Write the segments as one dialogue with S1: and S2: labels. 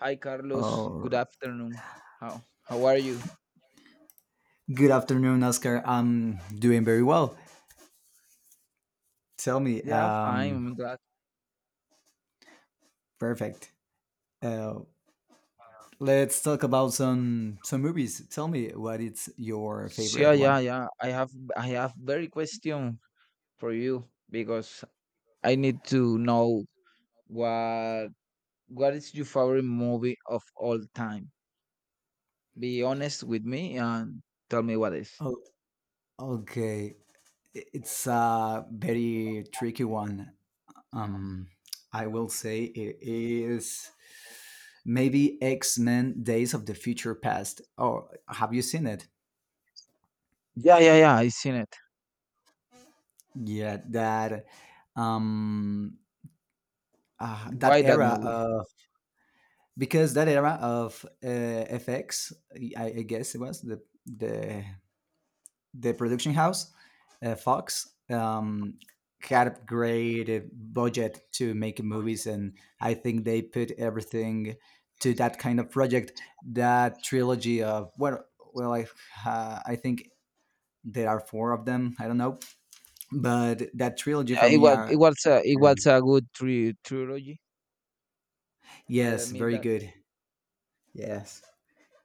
S1: Hi, Carlos. Good
S2: Or
S1: afternoon. How are you?
S2: Good afternoon, Oscar. I'm doing very well. Tell me,
S1: Yeah, fine. I'm glad.
S2: perfect. Uh, let's talk about some movies. Tell me what is your
S1: So,
S2: favorite
S1: yeah, yeah,
S2: one.
S1: yeah. I have very question for you because I need to know what what is your favorite movie of all time? Be honest with me and tell me what is.
S2: Oh, okay. I- It's a very tricky one. Um, I will say it is maybe X Men: Days of the Future Past. Oh, have you seen it?
S1: Yeah, yeah, yeah. I seen it.
S2: Yeah, that um, that
S1: Why that movie?
S2: era. Because that era of FX, I guess it was the the production house, Fox, had a great budget to make movies, and I think they put everything to that kind of project. That trilogy of well, I I think there are four of them. I don't know, but that trilogy
S1: Yeah,
S2: for me are
S1: it
S2: yeah.
S1: was a good trilogy. I
S2: Yes,
S1: admit
S2: very
S1: that.
S2: good. Yes.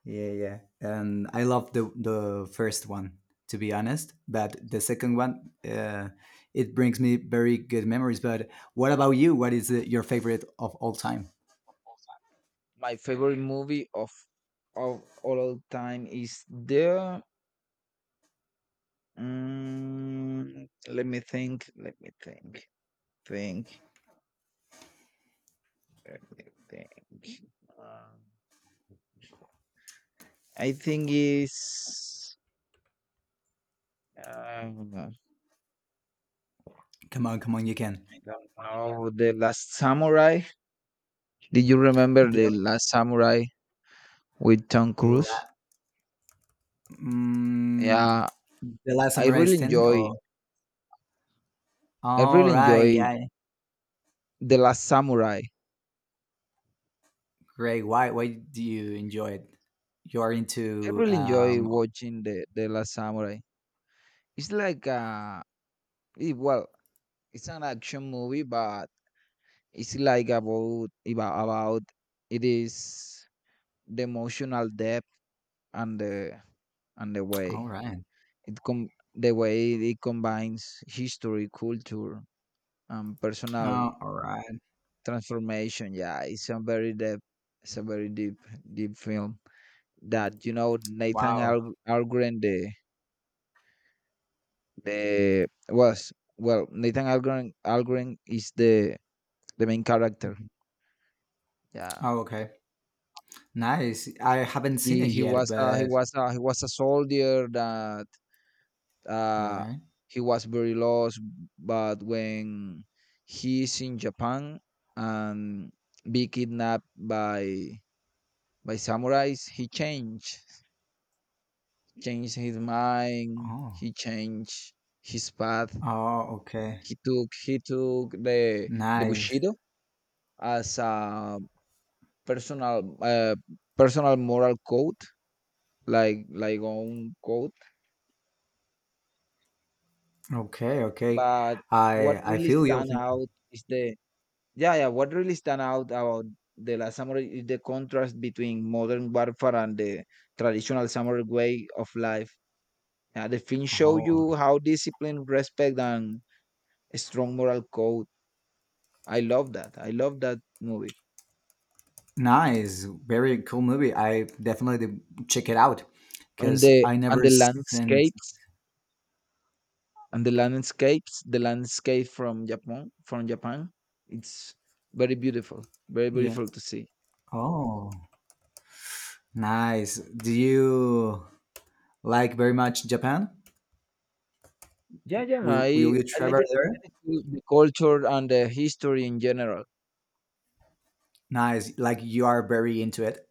S2: Yeah, yeah. And I love the first one to be honest, but the second one it brings me very good memories. But what about you? What is your favorite of all time?
S1: My favorite movie of all time is there. Mm, let me think. Let me think. Think. Let me think. Um, I think is. Um,
S2: Come on, come on, you can.
S1: I don't know. The Last Samurai. Did you remember The
S2: The
S1: Last Samurai with Tom Cruise?
S2: la- mm,
S1: Yeah,
S2: the last
S1: I
S2: samurai
S1: really
S2: standing.
S1: enjoy.
S2: Oh,
S1: I
S2: all
S1: really
S2: right,
S1: enjoy
S2: yeah,
S1: The Last Samurai.
S2: great. Why do you enjoy it? You're
S1: I
S2: into
S1: really enjoy watching The Last Samurai. It's like a It, well, it's an action movie, but it's like about it is the emotional depth and the and the
S2: All
S1: way
S2: right.
S1: it com the way it combines history, culture, and personal
S2: Oh, all right.
S1: transformation. Yeah, it's a very deep, it's a very deep film that Nathan
S2: Wow.
S1: Al- Algren the was well, Nathan Algren is the main character.
S2: Mhm.
S1: Yeah,
S2: Oh, okay. Nice. I haven't seen
S1: he
S2: it
S1: he
S2: yet,
S1: was a, he
S2: but
S1: was a, he was a soldier that
S2: all
S1: uh,
S2: right.
S1: he was very lost, but when he's in Japan and be kidnapped by samurais, he changed his mind,
S2: Oh.
S1: he changed his path.
S2: Oh, okay.
S1: He took the
S2: Nice.
S1: bushido as a personal uh, personal moral code, like own code.
S2: Okay, okay.
S1: But what
S2: I
S1: really
S2: feel you.
S1: stand out is the— yeah, yeah, what really stand out about The Last Samurai is the contrast between modern warfare and the traditional samurai way of life. Yeah, the film show
S2: Oh,
S1: you how discipline, respect, and a strong moral code. I love that. I love that movie.
S2: nice. Very cool movie. I definitely check it out
S1: And
S2: because
S1: the
S2: I
S1: and
S2: never
S1: the
S2: seen.
S1: landscapes the landscape from Japan, it's very
S2: Yeah.
S1: beautiful to see.
S2: Oh, nice. Do you like very much Japan?
S1: Yeah, yeah.
S2: Will
S1: I
S2: you
S1: I like
S2: travel
S1: the,
S2: there?
S1: I like the cul- the culture and the history in general.
S2: Nice. Like you are very into it.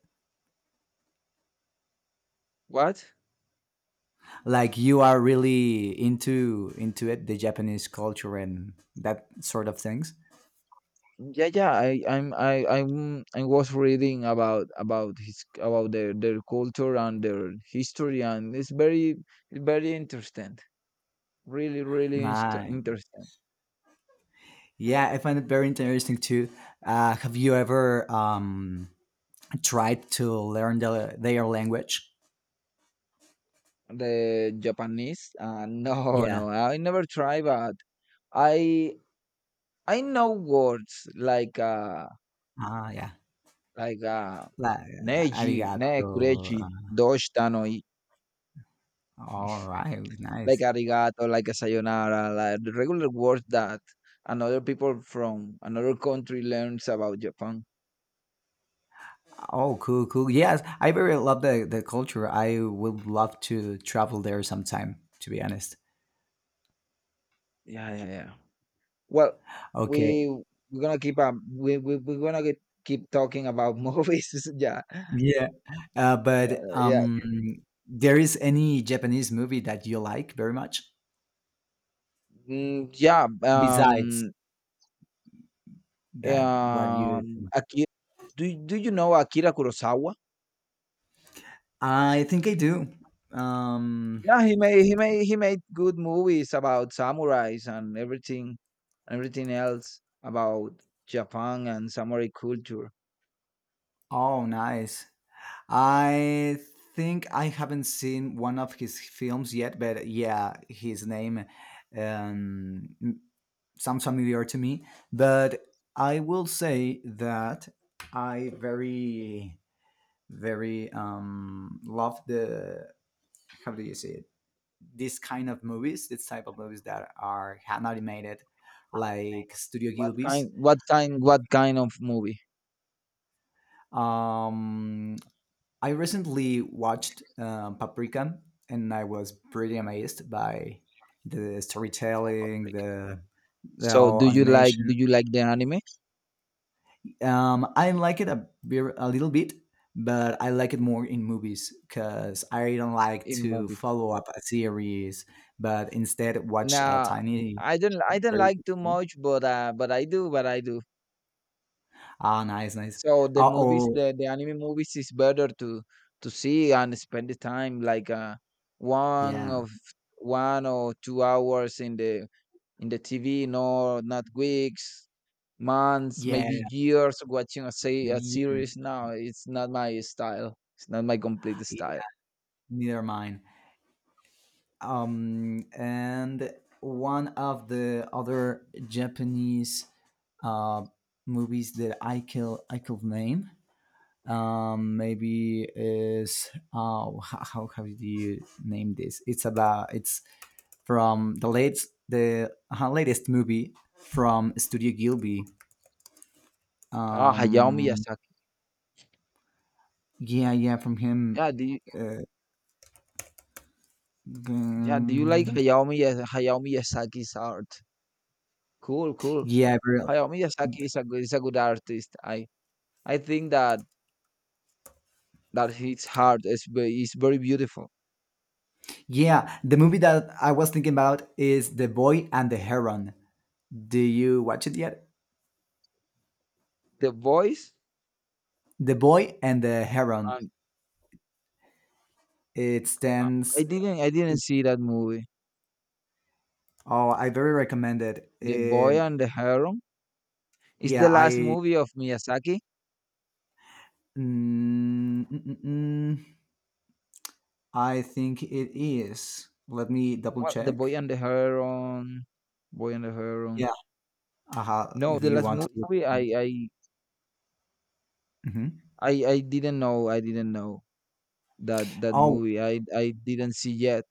S1: What?
S2: Like you are really into it, the Japanese culture and that sort of things.
S1: Yeah, yeah. I was reading about their culture and their history, and it's very interesting. Really, really inter-
S2: Nice.
S1: interesting.
S2: Yeah, I find it very interesting too. Have you ever tried to learn the, their language?
S1: The Japanese? No,
S2: Yeah.
S1: no. I never try, but I I know words like uh
S2: Ah, yeah.
S1: like uh
S2: La,
S1: neji, ne
S2: arigato.
S1: kureji, doshita no I.
S2: All right.
S1: Like
S2: Nice.
S1: arigato, like a sayonara, like the regular words that another people from another country learns about Japan.
S2: Oh, cool, cool. Yes, I very love the culture. I would love to travel there sometime, to be honest.
S1: Yeah, yeah, yeah. Well,
S2: Okay.
S1: we we're gonna keep talking about movies. Yeah,
S2: Yeah.
S1: yeah,
S2: But
S1: yeah.
S2: there is any Japanese movie that you like very much
S1: Mm, yeah.
S2: besides that what you
S1: Akira. Do you know Akira Kurosawa?
S2: I think I do. Um,
S1: Yeah, he made good movies about samurais and everything else about Japan and samurai culture.
S2: oh, nice. I think I haven't seen one of his films yet, but yeah, his name um, sounds familiar to me. But I will say that I very love the how do you say it? This kind of movies, this type of movies that are hand animated, like Studio
S1: What
S2: Gilby's
S1: kind? What kind? What kind of movie?
S2: um I recently watched Paprika, and I was pretty amazed by the
S1: Oh,
S2: storytelling,
S1: Paprika.
S2: the
S1: So do
S2: whole
S1: you like
S2: animation.
S1: do you like the anime
S2: I like it a, bit- a little bit, but I like it more in movies because I don't like
S1: in
S2: to
S1: movies?
S2: follow up a series, but instead watch a
S1: Nah,
S2: tiny,
S1: I don't
S2: very good
S1: like too
S2: story.
S1: much, but I do, but I do.
S2: Ah, nice, nice.
S1: So the
S2: Uh
S1: movies,
S2: oh,
S1: the anime movies is better to see and spend the time one
S2: yeah,
S1: of 1 or 2 hours in the TV, no, not weeks, months,
S2: yeah,
S1: maybe years watching a
S2: maybe yours.
S1: series. No, it's not my style. It's not my complete
S2: Yeah,
S1: style.
S2: neither mine. And one of the other Japanese uh, movies that I can I could name maybe is oh, how do you name this? It's about it's from the late the latest movie from Studio Gilby.
S1: Ah, Hayao
S2: Um,
S1: Miyazaki.
S2: yeah, yeah, from him.
S1: Yeah, do you
S2: Uh,
S1: yeah, do you like
S2: um,
S1: Hayao Miyazaki's art? Cool, cool.
S2: yeah, very
S1: Hayao Miyazaki is a good artist. I think that his art is very beautiful.
S2: Yeah, the movie that I was thinking about is The Boy and the Heron. Do you watch it yet?
S1: The boys
S2: The Boy and the Heron.
S1: and
S2: It
S1: uh, I
S2: stands.
S1: didn't I didn't see that movie.
S2: Oh, I very recommend it.
S1: The Boy and the Heron is
S2: Yeah,
S1: the last
S2: I.
S1: movie of Miyazaki.
S2: Mm, mm, mm, mm, I think it is. Let me double
S1: What The Boy
S2: check.
S1: and the Heron, Boy and the Heron.
S2: Yeah. Uh-huh,
S1: No,
S2: if
S1: the
S2: you
S1: last
S2: want to look.
S1: movie I I
S2: Hmm
S1: I I didn't know. I didn't know that
S2: Oh,
S1: movie. I didn't see yet,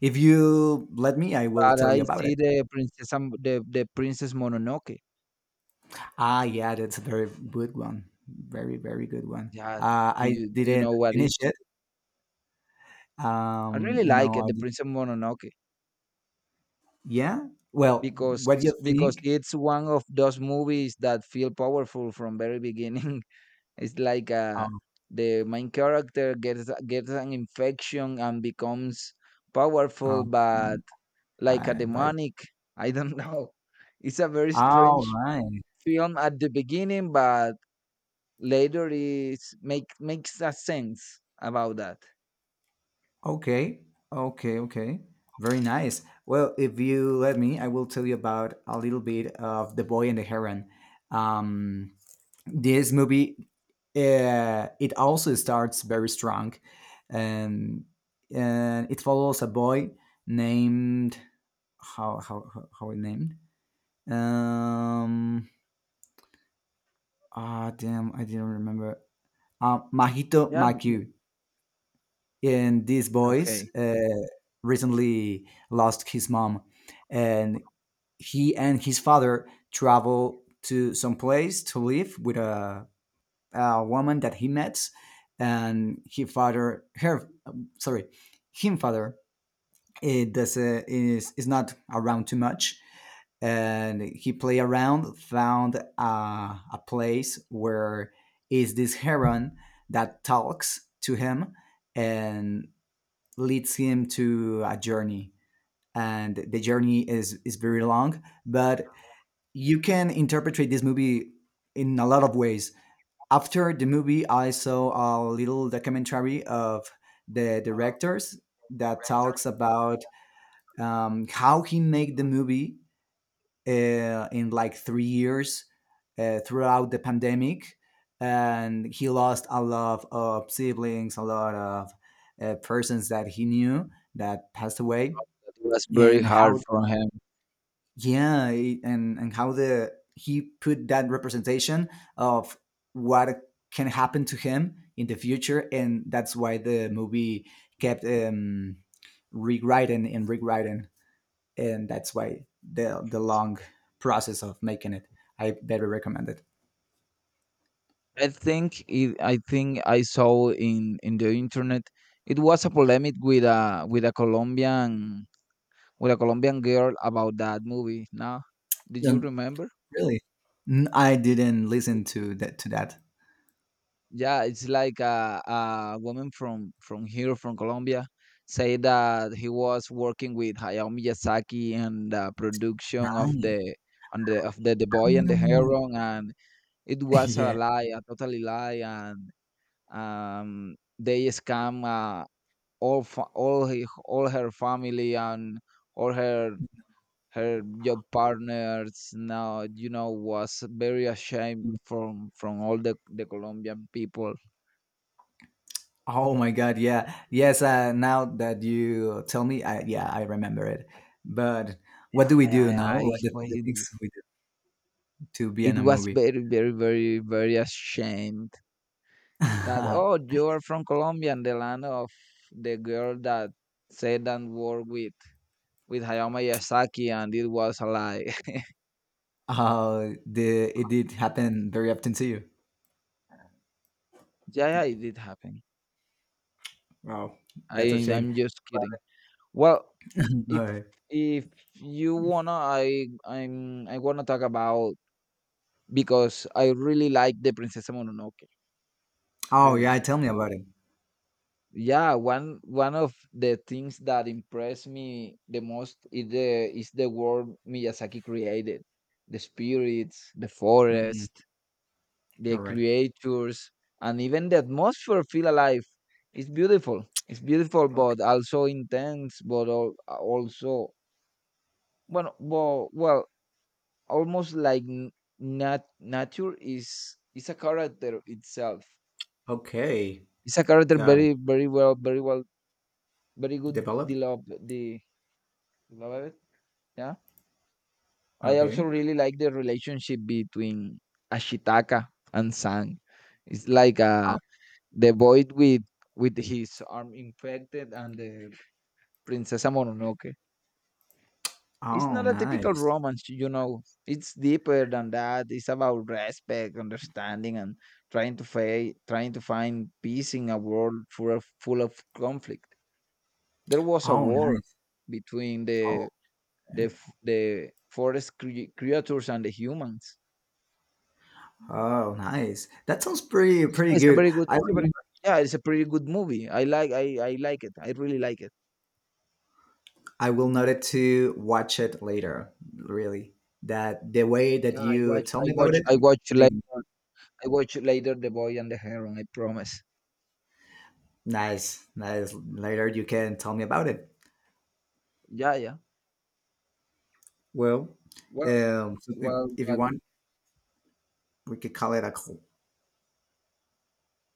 S2: if you let me, I will
S1: but
S2: tell
S1: I
S2: you about it.
S1: see the Princess Mononoke.
S2: Ah, yeah, that's a very good one. Very, very good one.
S1: Yeah, do
S2: I
S1: you do you
S2: didn't
S1: know what is?
S2: finish it.
S1: I really like
S2: No,
S1: it,
S2: I
S1: the
S2: did.
S1: Princess Mononoke,
S2: Yeah. Well,
S1: because
S2: what do you
S1: because
S2: think?
S1: it's one of those movies that feel powerful from very beginning. It's like
S2: Um,
S1: the main character gets an infection and becomes powerful,
S2: um,
S1: but
S2: um,
S1: like a
S2: I, by,
S1: demonic. I don't know. It's a very
S2: all
S1: strange
S2: right.
S1: film at the beginning, but later is makes a sense about that.
S2: Okay. Okay. Okay. Very nice. Well, if you let me, I will tell you about a little bit of The Boy and the Heron. Um, This movie, it also starts very strong. Um, and it follows a boy named how, how it named um ah damn I didn't remember Mahito
S1: Yeah.
S2: Maku and this boys
S1: Okay.
S2: recently lost his mom and he and his father travel to some place to live with a woman that he met, and he father her sorry, him father it does is not around too much, and he play around found a place where is this heron that talks to him and leads him to a journey and the journey is very long but you can interpret this movie in a lot of ways after the movie, I saw a little documentary of the directors that talks about how he made the movie in like 3 years throughout the pandemic, and he lost a lot of siblings, a lot of persons that he knew that passed away,
S1: It was very
S2: and
S1: hard
S2: how
S1: for him.
S2: yeah it- and how the he put that representation of what can happen to him in the future and that's why the movie kept rewriting and rewriting and that's why the long process of making it I better recommend it
S1: I think I saw in the internet it was a polemic with a Colombian girl about that movie. Now, did you
S2: and
S1: remember?
S2: really N- I didn't listen to that
S1: Yeah, it's like a woman from here from Colombia say that he was working with Hayao Miyazaki and the production of
S2: nice
S1: the on the of the Boy and the Heron, and it was a
S2: yeah
S1: lie, a totally lie, and they scam, all her family and all her job partners. Now, was very ashamed from all the Colombian people.
S2: Oh my God, yeah. Yes, now that you tell me, yeah, I remember it. But what do
S1: Yeah,
S2: we
S1: yeah,
S2: do now?
S1: yeah.
S2: What
S1: It
S2: the
S1: was,
S2: things we do to be
S1: it
S2: in a
S1: was
S2: movie?
S1: very, very, very, very ashamed that, oh, you are from Colombia and the land of the girl that said and worked with Hayao Miyazaki, and it was a lie.
S2: How the it did happen very often to you.
S1: Yeah, yeah, it did happen.
S2: Wow, that's a
S1: I
S2: shame.
S1: I'm just kidding. Well,
S2: All
S1: if
S2: right.
S1: if you wanna, I I'm I wanna talk about because I really like the Princess Mononoke.
S2: Oh
S1: Really
S2: yeah,
S1: like.
S2: tell me about it.
S1: Yeah, one of the things that impressed me the most is the world Miyazaki created, the spirits, the
S2: Mm,
S1: forest, the
S2: all right.
S1: creatures, and even the atmosphere feel alive. It's beautiful, it's beautiful,
S2: Okay.
S1: but also intense, but also, well, well, well, almost like nature is a character itself.
S2: Okay.
S1: It's a character
S2: Got it.
S1: very, very well, very well, very good
S2: Developed.
S1: developed. Love it. Yeah. I also
S2: Okay.
S1: really like the relationship between Ashitaka and Sang. It's like
S2: Oh,
S1: the boy with his arm infected and the Princess Mononoke. It's
S2: oh,
S1: not a typical
S2: nice.
S1: romance, you know. It's deeper than that. It's about respect, understanding, and trying to find peace in a world full of conflict. There was a
S2: Oh,
S1: war
S2: nice.
S1: between the
S2: Oh,
S1: the
S2: okay.
S1: f- the forest creatures and the humans.
S2: Oh, nice. That sounds pretty
S1: So
S2: pretty
S1: it's a
S2: good.
S1: very good,
S2: I
S1: it's a very
S2: remember
S1: yeah, it's a pretty good movie. I like it. I really like it.
S2: I will note it to watch it later. Really, that the way that
S1: Yeah, I
S2: you
S1: watch,
S2: tell
S1: I
S2: me about
S1: watch,
S2: it,
S1: I watch later,
S2: make,
S1: I watch later The Boy and the Heron. I promise.
S2: nice, nice. Later, you can tell me about it.
S1: Yeah, yeah.
S2: Well,
S1: Well,
S2: so
S1: well,
S2: if you
S1: what,
S2: want, we could call it a call.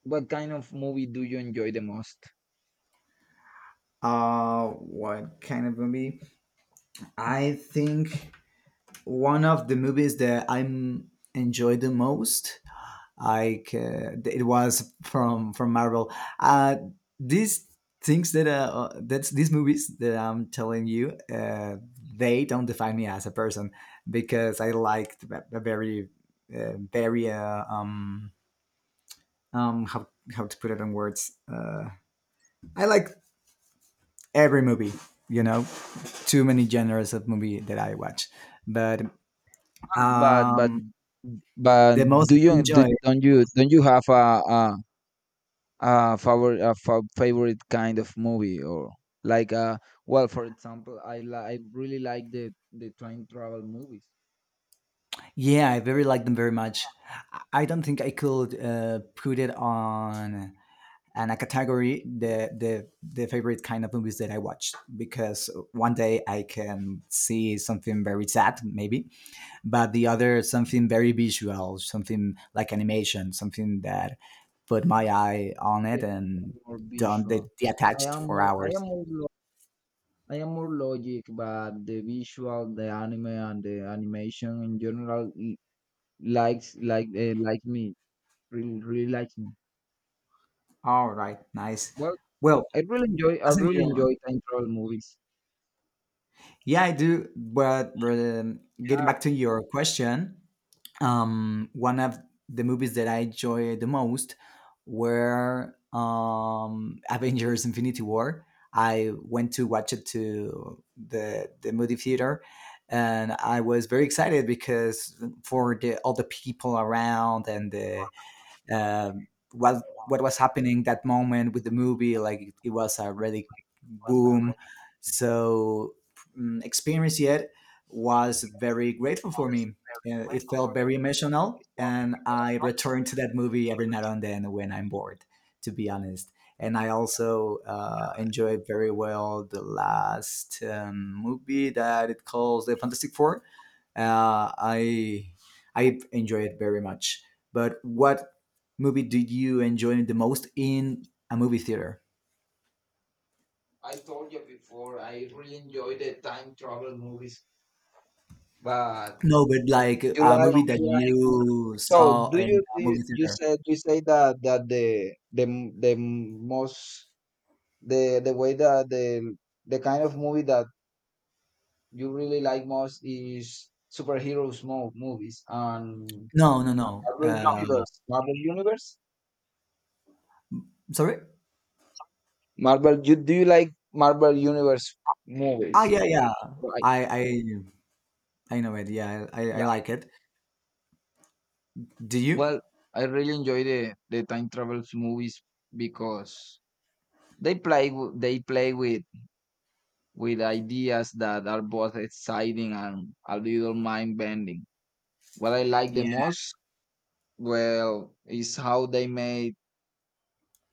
S1: what kind of movie do you enjoy the most?
S2: What kind of movie? I think one of the movies that I'm enjoy the most like it was from Marvel. Uh, these things that that's these movies that I'm telling you, they don't define me as a person because I liked a very uh, very uh, um um how how to put it in words. I like every movie, you know, too many genres of movie that I watch, but
S1: Well, But, but,
S2: um
S1: but
S2: the most
S1: do
S2: I
S1: you
S2: enjoy
S1: don't you have a favorite kind of movie, or like well, for example, I really like the time travel movies?
S2: Yeah, I very like them very much. I don't think I could put it on a category the favorite kind of movies that I watched because one day I can see something very sad maybe, but the other something very visual, something like animation, something that put my eye on it
S1: Okay,
S2: and
S1: more
S2: don't de-
S1: visual. I
S2: detached
S1: am
S2: for
S1: more I am
S2: hours.
S1: more lo I am more logic, but the visual, the anime, and the animation in general like me, really really likes me.
S2: All right, nice.
S1: Well,
S2: Well,
S1: I really enjoy I
S2: as in
S1: really
S2: your
S1: enjoy time travel movies.
S2: Yeah, I do. But getting
S1: Yeah,
S2: back to your question, one of the movies that I enjoyed the most were Avengers: Infinity War. I went to watch it to the movie theater, and I was very excited because for the all the people around and the um, what was happening that moment with the movie like it was a really boom so experience yet was very grateful for me It felt very emotional and I return to that movie every now and then when I'm bored to be honest, and I also enjoyed very well the last movie that it calls the fantastic four uh, I I enjoy it very much. But what movie did you enjoy the most in a movie theater?
S1: I told you before, I really enjoy the time travel movies, but
S2: No, but like
S1: you
S2: a
S1: like.
S2: movie
S1: Okay,
S2: that
S1: you like.
S2: you
S1: So
S2: saw
S1: do
S2: in
S1: you,
S2: a movie
S1: you
S2: theater.
S1: said you say that the most, the way that the kind of movie that you really like most is superheroes movies and
S2: No, no, no.
S1: Marvel Universe. Marvel Universe.
S2: Sorry.
S1: Marvel. You do you like Marvel Universe
S2: Ah,
S1: movies?
S2: yeah, yeah.
S1: Right.
S2: I I know it. Yeah, I
S1: Yeah.
S2: like it. Do you?
S1: Well, I really enjoy the time travels movies because they play with ideas that are both exciting and a little mind bending. What I like the
S2: Yeah.
S1: most, well, is how they made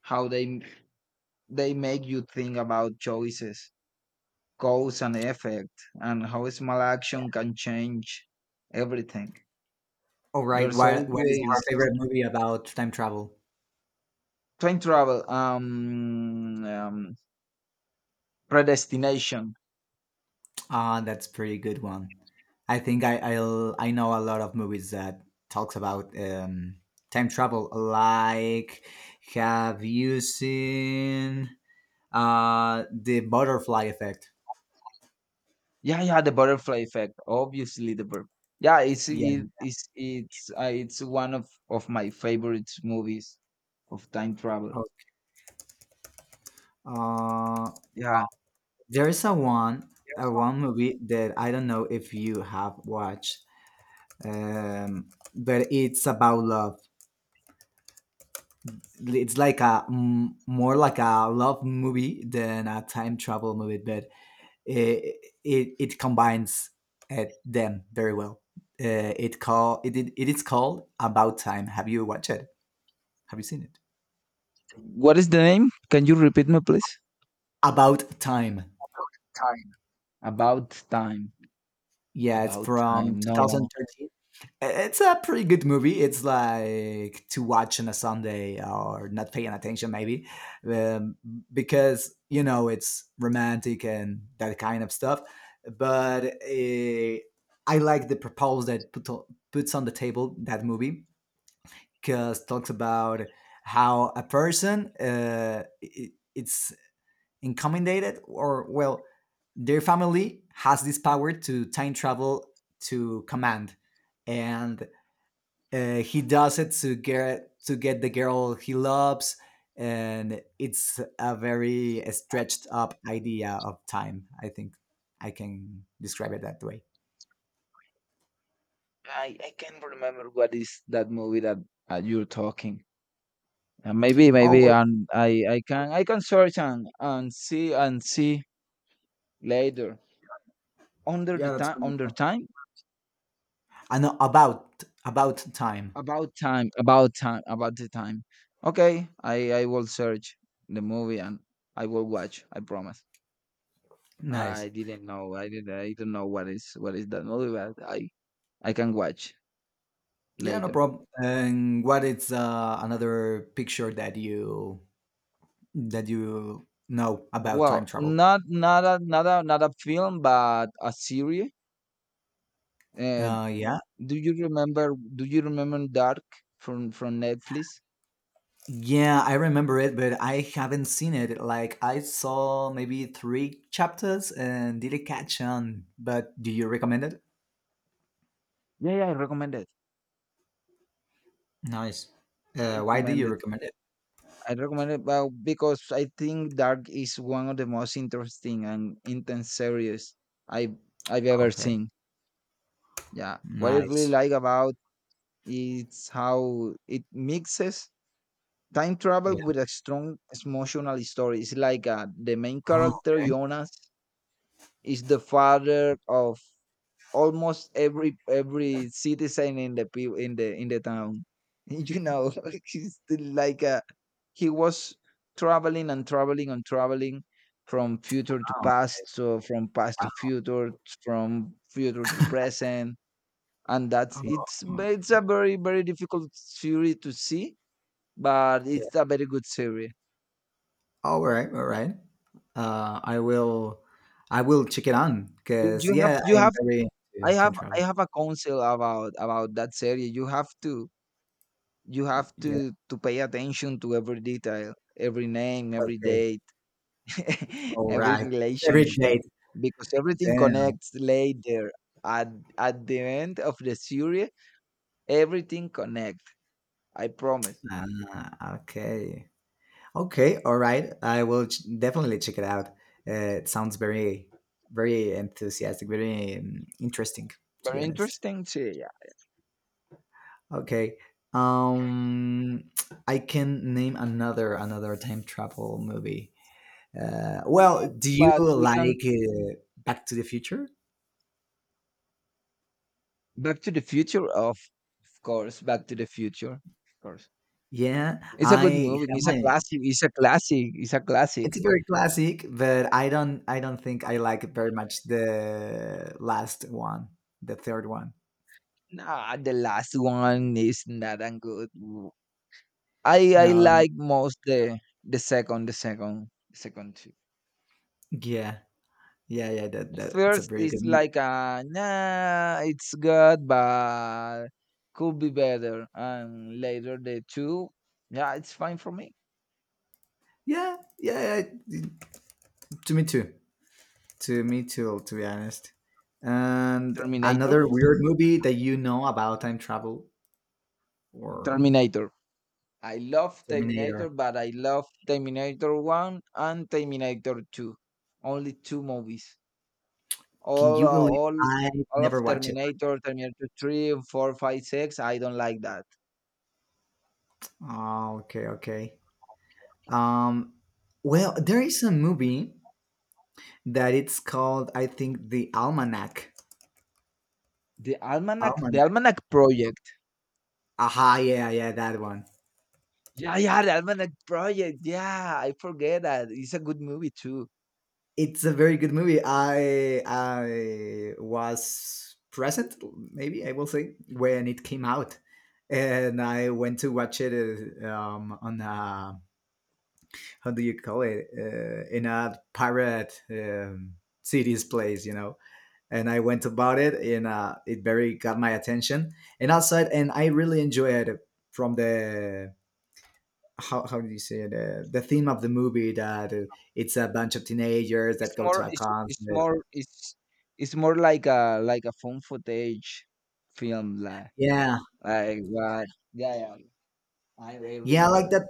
S1: how they they make you think about choices, cause and effect, and how small action can change everything.
S2: All right.
S1: There's
S2: What is
S1: always
S2: your favorite movie about time travel?
S1: time travel, predestination.
S2: Ah, that's pretty good one. I think I know a lot of movies that talks about time travel. Like, have you seen the Butterfly Effect?
S1: Yeah, yeah, the butterfly effect. Obviously, the yeah, it's
S2: Yeah.
S1: it, it's one of my favorite movies of time travel.
S2: Oh, Uh,
S1: Yeah,
S2: there is a one movie that I don't know if you have watched, um, but it's about love. It's like a more like a love movie than a time travel movie, but it it combines them very well. It it is called About Time. Have you watched it? Have you seen it?
S1: what is the name? Can you repeat me, please?
S2: About Time.
S1: About time. About time.
S2: Yeah, it's
S1: About
S2: from
S1: Time. No, yeah, no.
S2: 2013. It's a pretty good movie. It's like to watch on a Sunday or not paying attention, maybe, um, because you know it's romantic and that kind of stuff. But I like the proposal that put on, puts on the table that movie podcast talks about how a person it's incommoded or well their family has this power to time travel to command and he does it to get the girl he loves and it's a very stretched up idea of time I think I can describe it that way
S1: I can't remember what is that movie that you're talking. Uh, maybe
S2: oh
S1: maybe
S2: well,
S1: and I can search and see later. Under the
S2: yeah that's
S1: time,
S2: fun, that's
S1: under
S2: fun.
S1: time,
S2: And about time
S1: about time, about time, about the time. Okay, I will search the movie and I will watch. I promise.
S2: nice.
S1: I didn't know. I didn't. I don't know what is that movie, but I can watch
S2: Yeah, no
S1: later.
S2: problem. And what is another picture that you know about time
S1: Well,
S2: travel?
S1: not a film, but a series. And
S2: Uh, yeah,
S1: do you remember? Do you remember Dark from Netflix?
S2: yeah, I remember it, but I haven't seen it. Like I saw maybe three chapters and didn't catch on. But do you recommend it?
S1: Yeah, yeah, I recommend it.
S2: Nice.
S1: I
S2: Why do
S1: recommend
S2: you
S1: it.
S2: recommend it?
S1: I recommend it. Well, because I think Dark is one of the most interesting and intense series I've I've ever
S2: Okay.
S1: seen. Yeah, what I really
S2: Nice.
S1: like about it's how it mixes time travel
S2: Yeah.
S1: with a strong emotional story. It's like the main
S2: Oh,
S1: character
S2: okay.
S1: Jonas is the father of almost every citizen in the people in the town. You know, he's the- like a, he was traveling and traveling and traveling from future to
S2: Oh,
S1: past, so from past
S2: wow.
S1: to future, from future to present, and that's it's
S2: Oh,
S1: ve- it's a very very difficult theory to see, but
S2: yeah.
S1: it's a very good theory.
S2: All right. All right. Uh, I will, I will check it on
S1: You,
S2: because yeah, I
S1: you
S2: am
S1: have
S2: very
S1: I
S2: into time
S1: have
S2: travel.
S1: a counsel about that series. You have to you have
S2: Yeah.
S1: to to pay attention to every detail, every name, every
S2: Okay.
S1: date,
S2: All
S1: every
S2: right. Every
S1: relationship,
S2: day.
S1: because everything
S2: Damn.
S1: connects later. at at the end of the series, everything connects. I promise.
S2: Ah, okay. Okay. All right. Definitely check it out. Uh, it sounds very enthusiastic, very interesting, to be
S1: Very
S2: honest.
S1: interesting series.
S2: Okay. Um, I can name another time travel movie. Well,
S1: No,
S2: do you
S1: but we can.
S2: like Back to the Future?
S1: Back to the Future? Of course, Back to the Future, of course.
S2: Yeah,
S1: It's a good
S2: I
S1: movie,
S2: yeah,
S1: it's a
S2: my
S1: classic, it's a classic, it's a
S2: it's
S1: classic.
S2: very classic, but I don't think I like very much the last one, the third one.
S1: Nah, the last one is not that good. I
S2: No,
S1: like most the second, the second, the second two.
S2: yeah, yeah. That
S1: The
S2: that it's a
S1: first
S2: very
S1: is
S2: good movie.
S1: like nah, it's good, but could be better. And later the two, yeah, it's fine for me.
S2: Yeah, yeah, yeah. To me too. To me too. To be honest. And
S1: Terminator,
S2: another weird movie that you know about time travel or
S1: Terminator. I love Terminator,
S2: Terminator.
S1: but I love Terminator one and Terminator two. Only two movies.
S2: Can
S1: All uh,
S2: you believe
S1: all
S2: I
S1: all of
S2: never watch it?
S1: Terminator, Terminator three, four, five, six. I don't like that.
S2: Oh, okay, okay. Um, well, there is a movie that it's called I think the Almanac.
S1: The Almanac, The
S2: Almanac.
S1: Almanac Project.
S2: Aha, yeah, yeah, yeah, that one.
S1: Yeah, yeah, The Almanac Project. Yeah, I forget that. It's a good movie too.
S2: It's a very good movie. I was present, maybe I will say, when it came out, and I went to watch it on a how do you call it in a pirate city's place, you know. And I went about it, and it very got my attention. And outside, and I really enjoyed it from the how do you say it? The theme of the movie that it's a bunch of teenagers
S1: It's
S2: that go to
S1: more
S2: a
S1: it's it's
S2: concert.
S1: more it's it's more like a phone footage film, like
S2: Yeah,
S1: like what. Yeah, yeah. I
S2: yeah, I like
S1: remember.
S2: that.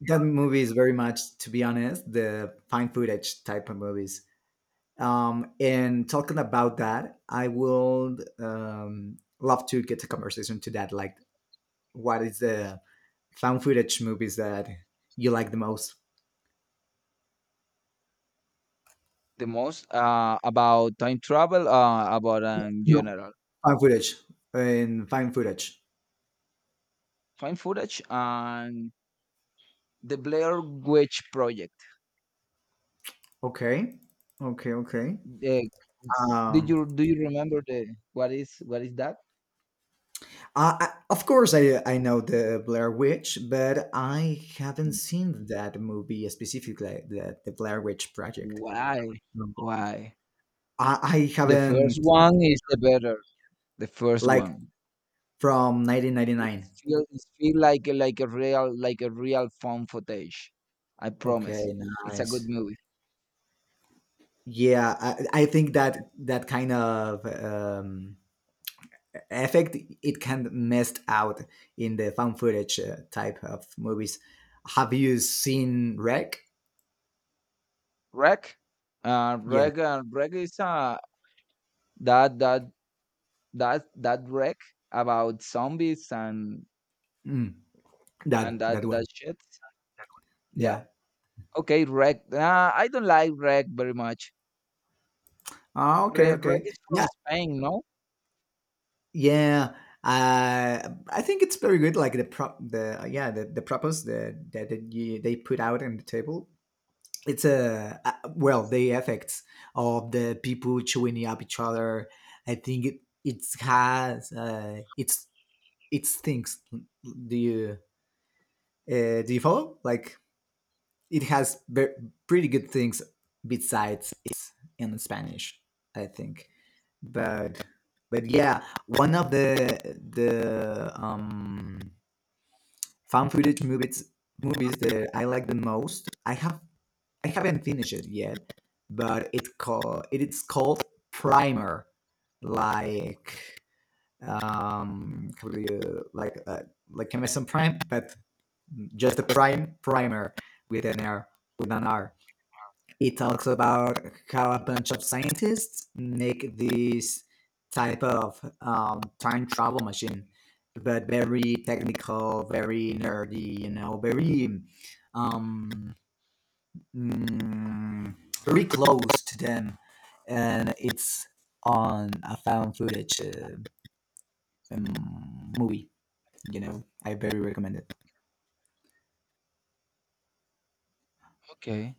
S2: That movie is very much, to be honest, the fine footage type of movies. And talking about that, I will love to get a conversation to that. Like, what is the found footage movies that you like the most?
S1: The most, about time travel, about, in
S2: No,
S1: general.
S2: found footage and fine footage.
S1: Fine footage and the Blair Witch Project.
S2: Okay, okay, okay.
S1: The, did
S2: Um,
S1: you do you remember the what is that?
S2: of course, I know the Blair Witch, but I haven't seen that movie specifically, the Blair Witch Project.
S1: Why?
S2: No.
S1: Why?
S2: I
S1: The first
S2: haven't
S1: one is the better. The first
S2: like
S1: one.
S2: from
S1: It
S2: 1999.
S1: it feel like a real phone footage. I promise.
S2: Okay,
S1: It's a good
S2: nice.
S1: movie.
S2: Yeah, I think that that kind of effect it can messed out in the found footage type of movies. Have you seen Wreck?
S1: Wreck.
S2: Yeah,
S1: Wreck. Wreck is that that that Wreck about zombies and
S2: mm,
S1: and
S2: that
S1: that
S2: that
S1: that
S2: one.
S1: shit. Yeah.
S2: Yeah.
S1: Okay. Wreck. I don't like Wreck very much.
S2: Ah, okay,
S1: Wreck
S2: okay.
S1: is from
S2: Yeah,
S1: Spain, no?
S2: yeah, I think it's very good. Like the yeah, that that you, they put out on the table. It's a well, the effects of the people chewing up each other. I think it has it's things. Do you do you follow? Like it has ve- pretty good things besides it's in Spanish, I think. But but yeah, one of the the um found footage movies that I like the most. I haven't finished it yet, but it is called Primer, like how do like Amazon Prime, but just a primer with an R with an R he talks about how a bunch of scientists make this type of time travel machine, but very technical, very nerdy, you know, very um, mm, very close to them, and it's on a found footage movie. You know, I very recommend it.
S1: Okay.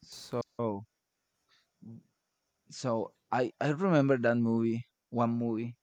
S1: So. So I remember that movie, one movie,